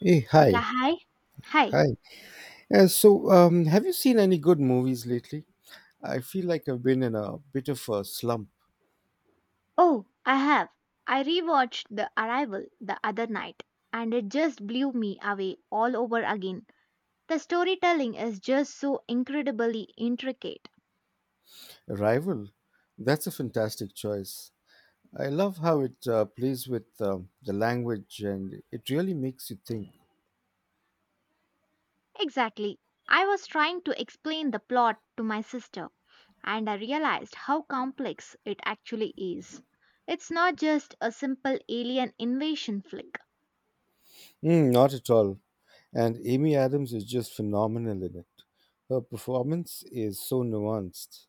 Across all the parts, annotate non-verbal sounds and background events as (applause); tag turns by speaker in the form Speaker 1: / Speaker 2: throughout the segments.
Speaker 1: Hey, hi,
Speaker 2: Yeah, hi. Hi.
Speaker 1: hi. Have you seen any good movies lately? I feel like I've been in a bit of a slump.
Speaker 2: Oh, I have. I rewatched The Arrival the other night and it just blew me away all over again. The storytelling is just so incredibly intricate.
Speaker 1: Arrival, that's a fantastic choice. I love how it plays with the language, and it really makes you think.
Speaker 2: Exactly. I was trying to explain the plot to my sister and I realized how complex it actually is. It's not just a simple alien invasion flick.
Speaker 1: Mm, not at all. And Amy Adams is just phenomenal in it. Her performance is so nuanced.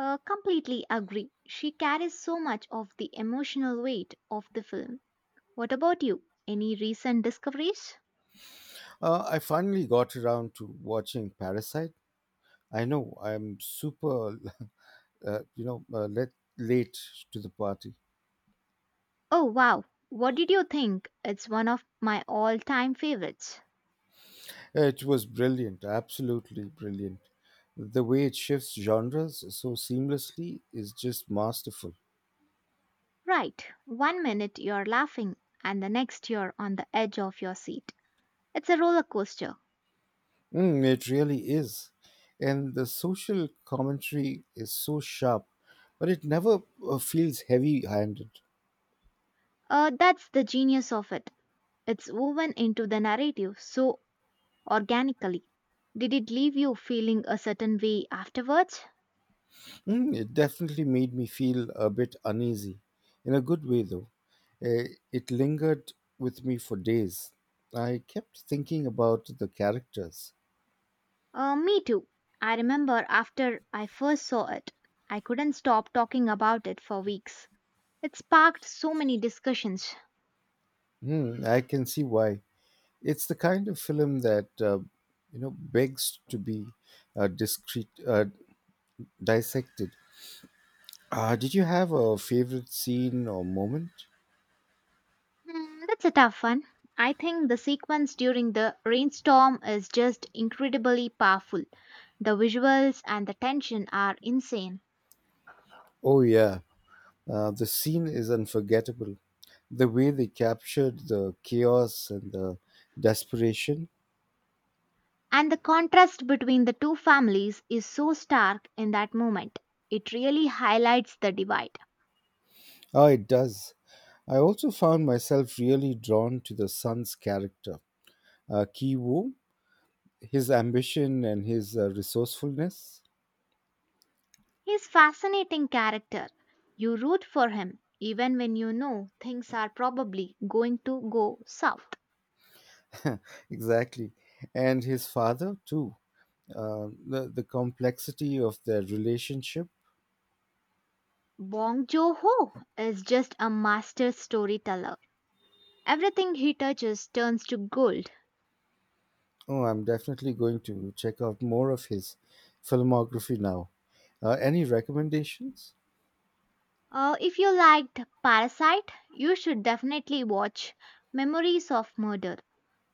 Speaker 2: Completely agree. She carries so much of the emotional weight of the film. What about you? Any recent discoveries?
Speaker 1: I finally got around to watching Parasite. I know I'm super (laughs) uh, you know, uh, let, late to the party.
Speaker 2: Oh wow, what did you think? It's one of my all time favorites.
Speaker 1: It was brilliant, absolutely brilliant. The way it shifts genres so seamlessly is just masterful.
Speaker 2: Right, one minute you're laughing and the next you're on the edge of your seat. It's a roller coaster.
Speaker 1: Mm, it really is. And the social commentary is so sharp, but it never feels heavy handed.
Speaker 2: That's the genius of it. It's woven into the narrative so organically. Did it leave you feeling a certain way afterwards?
Speaker 1: Mm, it definitely made me feel a bit uneasy, in a good way though. Uh, it lingered with me for days. I kept thinking about the characters.
Speaker 2: Me too. I remember after I first saw it, I couldn't stop talking about it for weeks. It sparked so many discussions.
Speaker 1: Hmm, I can see why. It's the kind of film that you know begs to be uh, discreet, uh, dissected. Did you have a favorite scene or moment?
Speaker 2: Hmm, that's a tough one. I think the sequence during the rainstorm is just incredibly powerful. The visuals and the tension are insane.
Speaker 1: Oh yeah, the scene is unforgettable. The way they captured the chaos and the desperation.
Speaker 2: And the contrast between the two families is so stark in that moment. It really highlights the divide.
Speaker 1: Oh, it does. I also found myself really drawn to the son's character, Ki Woo, his ambition and his resourcefulness.
Speaker 2: He's fascinating character. You root for him even when you know things are probably going to go south.
Speaker 1: (laughs) Exactly, and his father too, the complexity of their relationship.
Speaker 2: Bong Joon-ho is just a master storyteller. Everything he touches turns to gold.
Speaker 1: Oh, I'm definitely going to check out more of his filmography now. Any recommendations?
Speaker 2: If you liked Parasite, you should definitely watch Memories of Murder.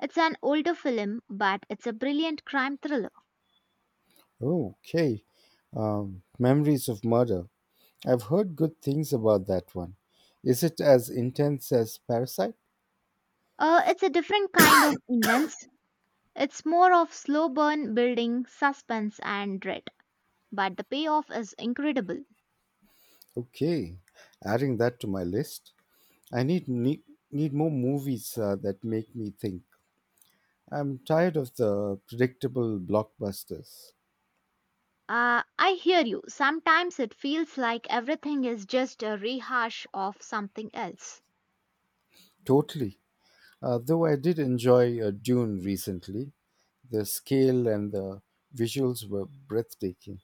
Speaker 2: It's an older film, but it's a brilliant crime thriller.
Speaker 1: Okay. Memories of Murder, I've heard good things about that one. Is it as intense as Parasite?
Speaker 2: It's a different kind of intense. It's more of slow burn building, suspense, and dread. But the payoff is incredible.
Speaker 1: Okay, adding that to my list. I need more movies that make me think. I'm tired of the predictable blockbusters.
Speaker 2: I hear you. Sometimes it feels like everything is just a rehash of something else.
Speaker 1: Totally. Though I did enjoy Dune recently, the scale and the visuals were breathtaking.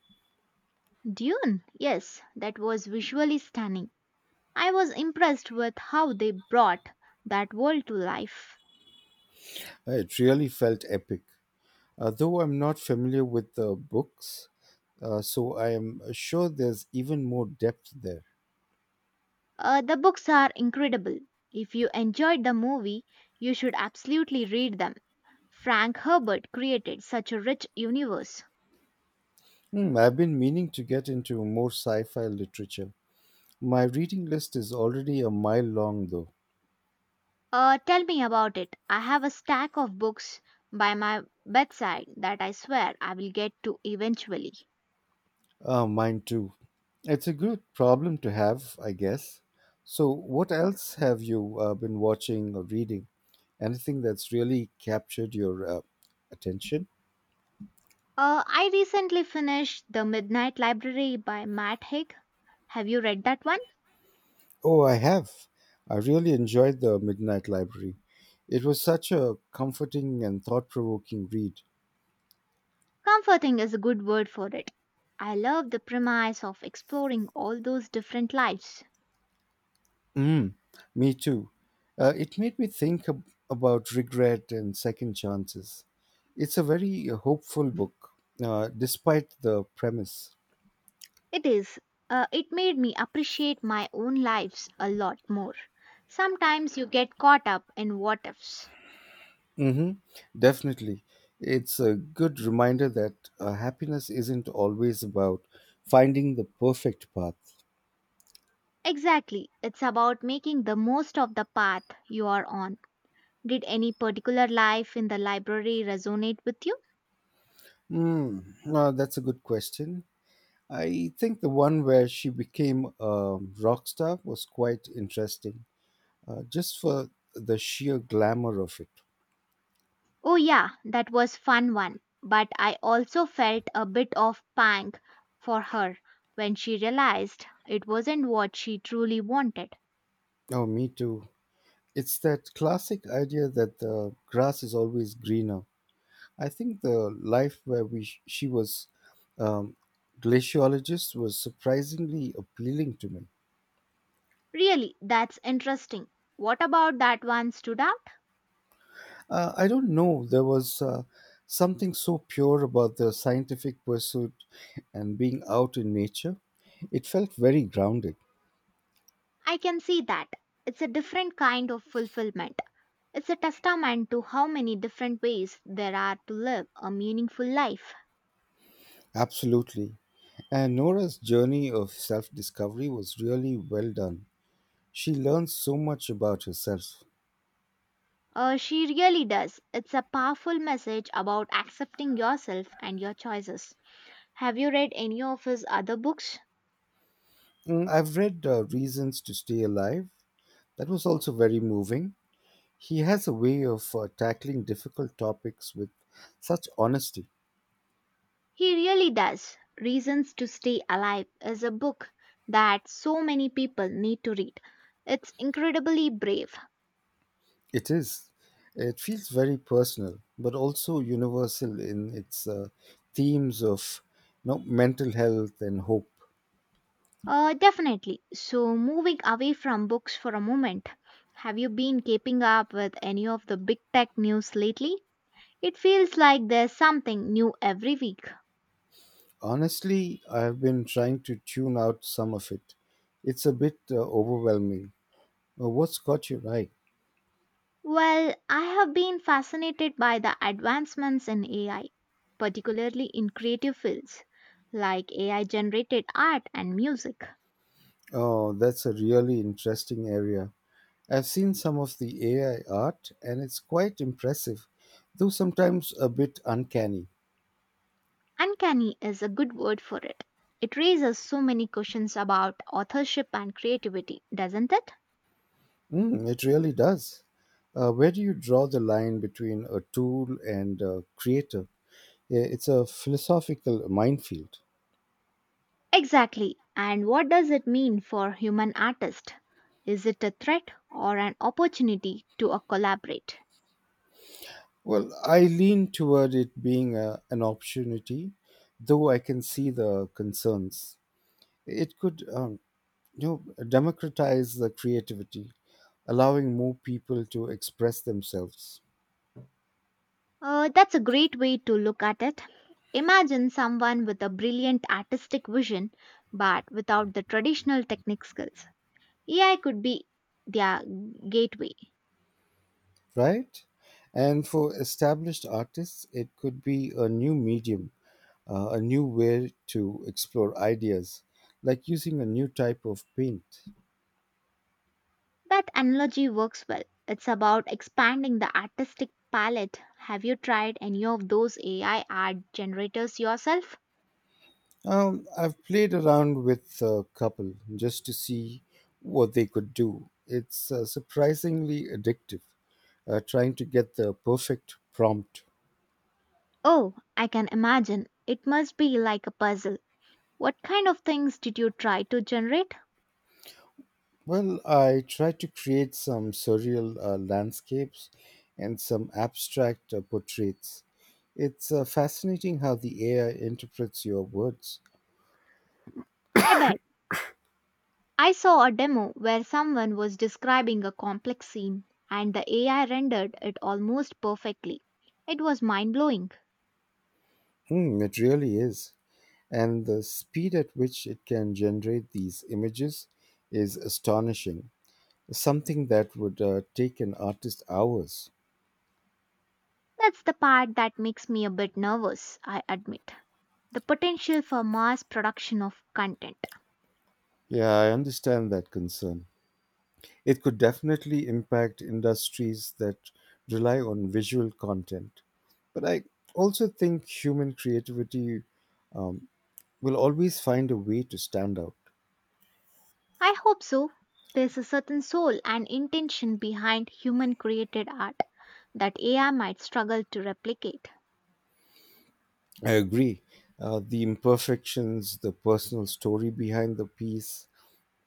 Speaker 2: Dune, yes, that was visually stunning. I was impressed with how they brought that world to life.
Speaker 1: It really felt epic. Though I'm not familiar with the books, so I am sure there's even more depth there.
Speaker 2: The books are incredible. If you enjoyed the movie, you should absolutely read them. Frank Herbert created such a rich universe.
Speaker 1: Hmm, I've been meaning to get into more sci fi literature. My reading list is already a mile long, though.
Speaker 2: Tell me about it. I have a stack of books by my bedside that I swear I will get to eventually.
Speaker 1: Mine too. It's a good problem to have, I guess. So, what else have you been watching or reading? Anything that's really captured your attention?
Speaker 2: I recently finished The Midnight Library by Matt Haig. Have you read that one?
Speaker 1: Oh, I have. I really enjoyed The Midnight Library. It was such a comforting and thought provoking read.
Speaker 2: Comforting is a good word for it. I love the premise of exploring all those different lives.
Speaker 1: Mm, me too. It made me think about regret and second chances. It's a very hopeful book, despite the premise.
Speaker 2: It is, it made me appreciate my own lives a lot more. Sometimes you get caught up in what ifs.
Speaker 1: Hmm. Definitely. It's a good reminder that happiness isn't always about finding the perfect path.
Speaker 2: Exactly, it's about making the most of the path you are on. Did any particular life in the library resonate with you?
Speaker 1: Mm, that's a good question. I think the one where she became a rock star was quite interesting, just for the sheer glamour of it.
Speaker 2: Oh, yeah, that was fun one. But I also felt a bit of pang for her when she realized it wasn't what she truly wanted.
Speaker 1: Oh, me too. It's that classic idea that the grass is always greener. I think the life where she was um, glaciologist was surprisingly appealing to me.
Speaker 2: Really, that's interesting. What about that one stood out?
Speaker 1: I don't know. There was something so pure about the scientific pursuit and being out in nature. It felt very grounded.
Speaker 2: I can see that. It's a different kind of fulfillment. It's a testament to how many different ways there are to live a meaningful life.
Speaker 1: Absolutely. And Nora's journey of self discovery was really well done. She learned so much about herself.
Speaker 2: She really does. It's a powerful message about accepting yourself and your choices. Have you read any of his other books?
Speaker 1: Mm, I've read Reasons to Stay Alive. That was also very moving. He has a way of tackling difficult topics with such honesty.
Speaker 2: He really does. Reasons to Stay Alive is a book that so many people need to read. It's incredibly brave.
Speaker 1: It is. It feels very personal, but also universal in its themes of you know mental health and hope.
Speaker 2: Definitely. So, moving away from books for a moment, have you been keeping up with any of the big tech news lately? It feels like there's something new every week.
Speaker 1: Honestly, I have been trying to tune out some of it. It's a bit overwhelming. What's got you right?
Speaker 2: Well, I have been fascinated by the advancements in AI, particularly in creative fields like AI generated art and music.
Speaker 1: Oh, that's a really interesting area. I've seen some of the AI art, and it's quite impressive, though sometimes a bit uncanny.
Speaker 2: Uncanny is a good word for it. It raises so many questions about authorship and creativity, doesn't it?
Speaker 1: Mm, it really does. Where do you draw the line between a tool and a creator? It's a philosophical minefield.
Speaker 2: Exactly. And what does it mean for human artists? Is it a threat or an opportunity to collaborate?
Speaker 1: Well, I lean toward it being an opportunity, though I can see the concerns. It could, you democratize the creativity, allowing more people to express themselves.
Speaker 2: That's a great way to look at it. Imagine someone with a brilliant artistic vision but without the traditional technique skills. AI could be their gateway.
Speaker 1: Right? And for established artists, it could be a new medium, a new way to explore ideas, like using a new type of paint.
Speaker 2: That analogy works well. It's about expanding the artistic palette. Have you tried any of those AI art generators yourself?
Speaker 1: I've played around with a couple just to see what they could do. It's surprisingly addictive, trying to get the perfect prompt.
Speaker 2: Oh, I can imagine. It must be like a puzzle. What kind of things did you try to generate?
Speaker 1: Well, I try to create some surreal landscapes and some abstract portraits. It's fascinating how the AI interprets your words.
Speaker 2: I bet. I saw a demo where someone was describing a complex scene and the AI rendered it almost perfectly. It was mind blowing.
Speaker 1: Mm, it really is. And the speed at which it can generate these images is astonishing, something that would take an artist hours.
Speaker 2: That's the part that makes me a bit nervous, I admit. The potential for mass production of content.
Speaker 1: Yeah, I understand that concern. It could definitely impact industries that rely on visual content. But I also think human creativity um, will always find a way to stand out.
Speaker 2: I hope so. There's a certain soul and intention behind human created art that AI might struggle to replicate.
Speaker 1: I agree. The imperfections, the personal story behind the piece,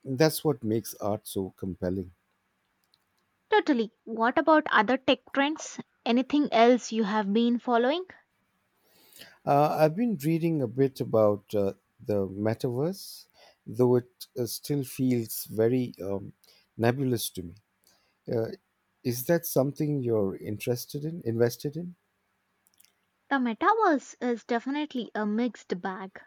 Speaker 1: that's what makes art so compelling.
Speaker 2: Totally. What about other tech trends? Anything else you have been following?
Speaker 1: I've been reading a bit about the metaverse, though it still feels very nebulous to me. Uh, is that something you're interested in, invested in?
Speaker 2: The metaverse is definitely a mixed bag.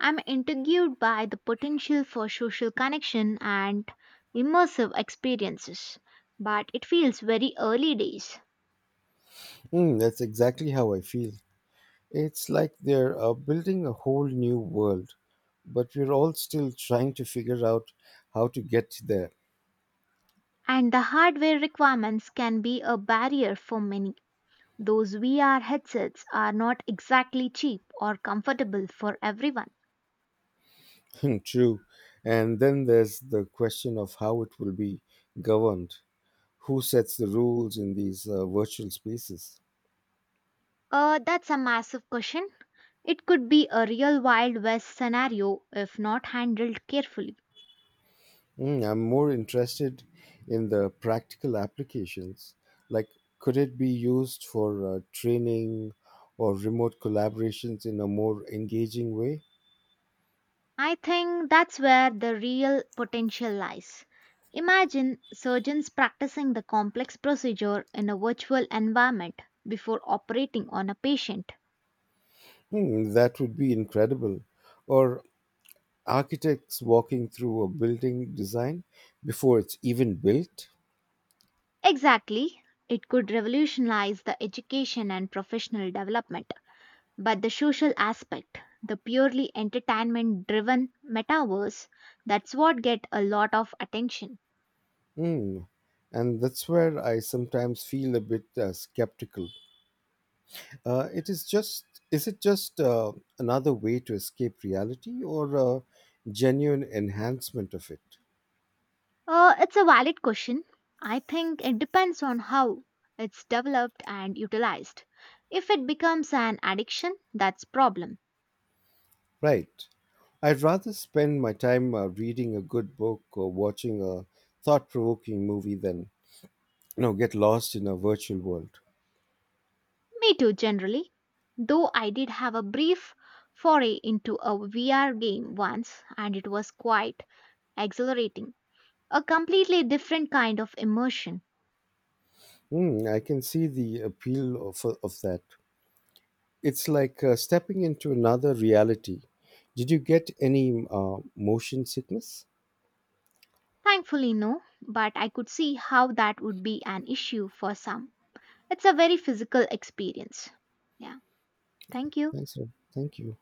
Speaker 2: I'm intrigued by the potential for social connection and immersive experiences, but it feels very early days,
Speaker 1: Mm, that's exactly how I feel. It's like they're building a whole new world, but we're all still trying to figure out how to get there.
Speaker 2: and the hardware requirements can be a barrier for many. Those VR headsets are not exactly cheap or comfortable for everyone.
Speaker 1: Hmm, true. And then there's the question of how it will be governed. Who sets the rules in these virtual spaces?
Speaker 2: That's a massive question. It could be a real Wild West scenario if not handled carefully.
Speaker 1: Mm, I'm more interested in the practical applications. Like, could it be used for training or remote collaborations in a more engaging way?
Speaker 2: I think that's where the real potential lies. Imagine surgeons practicing the complex procedure in a virtual environment before operating on a patient.
Speaker 1: Hmm, that would be incredible. Or architects walking through a building design before it's even built?
Speaker 2: Exactly. It could revolutionize the education and professional development. But the social aspect, the purely entertainment driven metaverse, that's what get a lot of attention.
Speaker 1: Hmm. And that's where I sometimes feel a bit skeptical. It is just is it just another way to escape reality or a genuine enhancement of it?
Speaker 2: It's a valid question. I think it depends on how it's developed and utilized. If it becomes an addiction, that's problem.
Speaker 1: Right. I'd rather spend my time reading a good book or watching a thought-provoking movie than you know get lost in a virtual world.
Speaker 2: Me too generally. Though I did have a brief foray into a VR game once and it was quite exhilarating. A completely different kind of immersion.
Speaker 1: Hmm, I can see the appeal of that. It's like stepping into another reality. Did you get any motion sickness?
Speaker 2: Thankfully, no, but I could see how that would be an issue for some. It's a very physical experience. Yeah, thank you.
Speaker 1: Thanks. Rob. Thank you.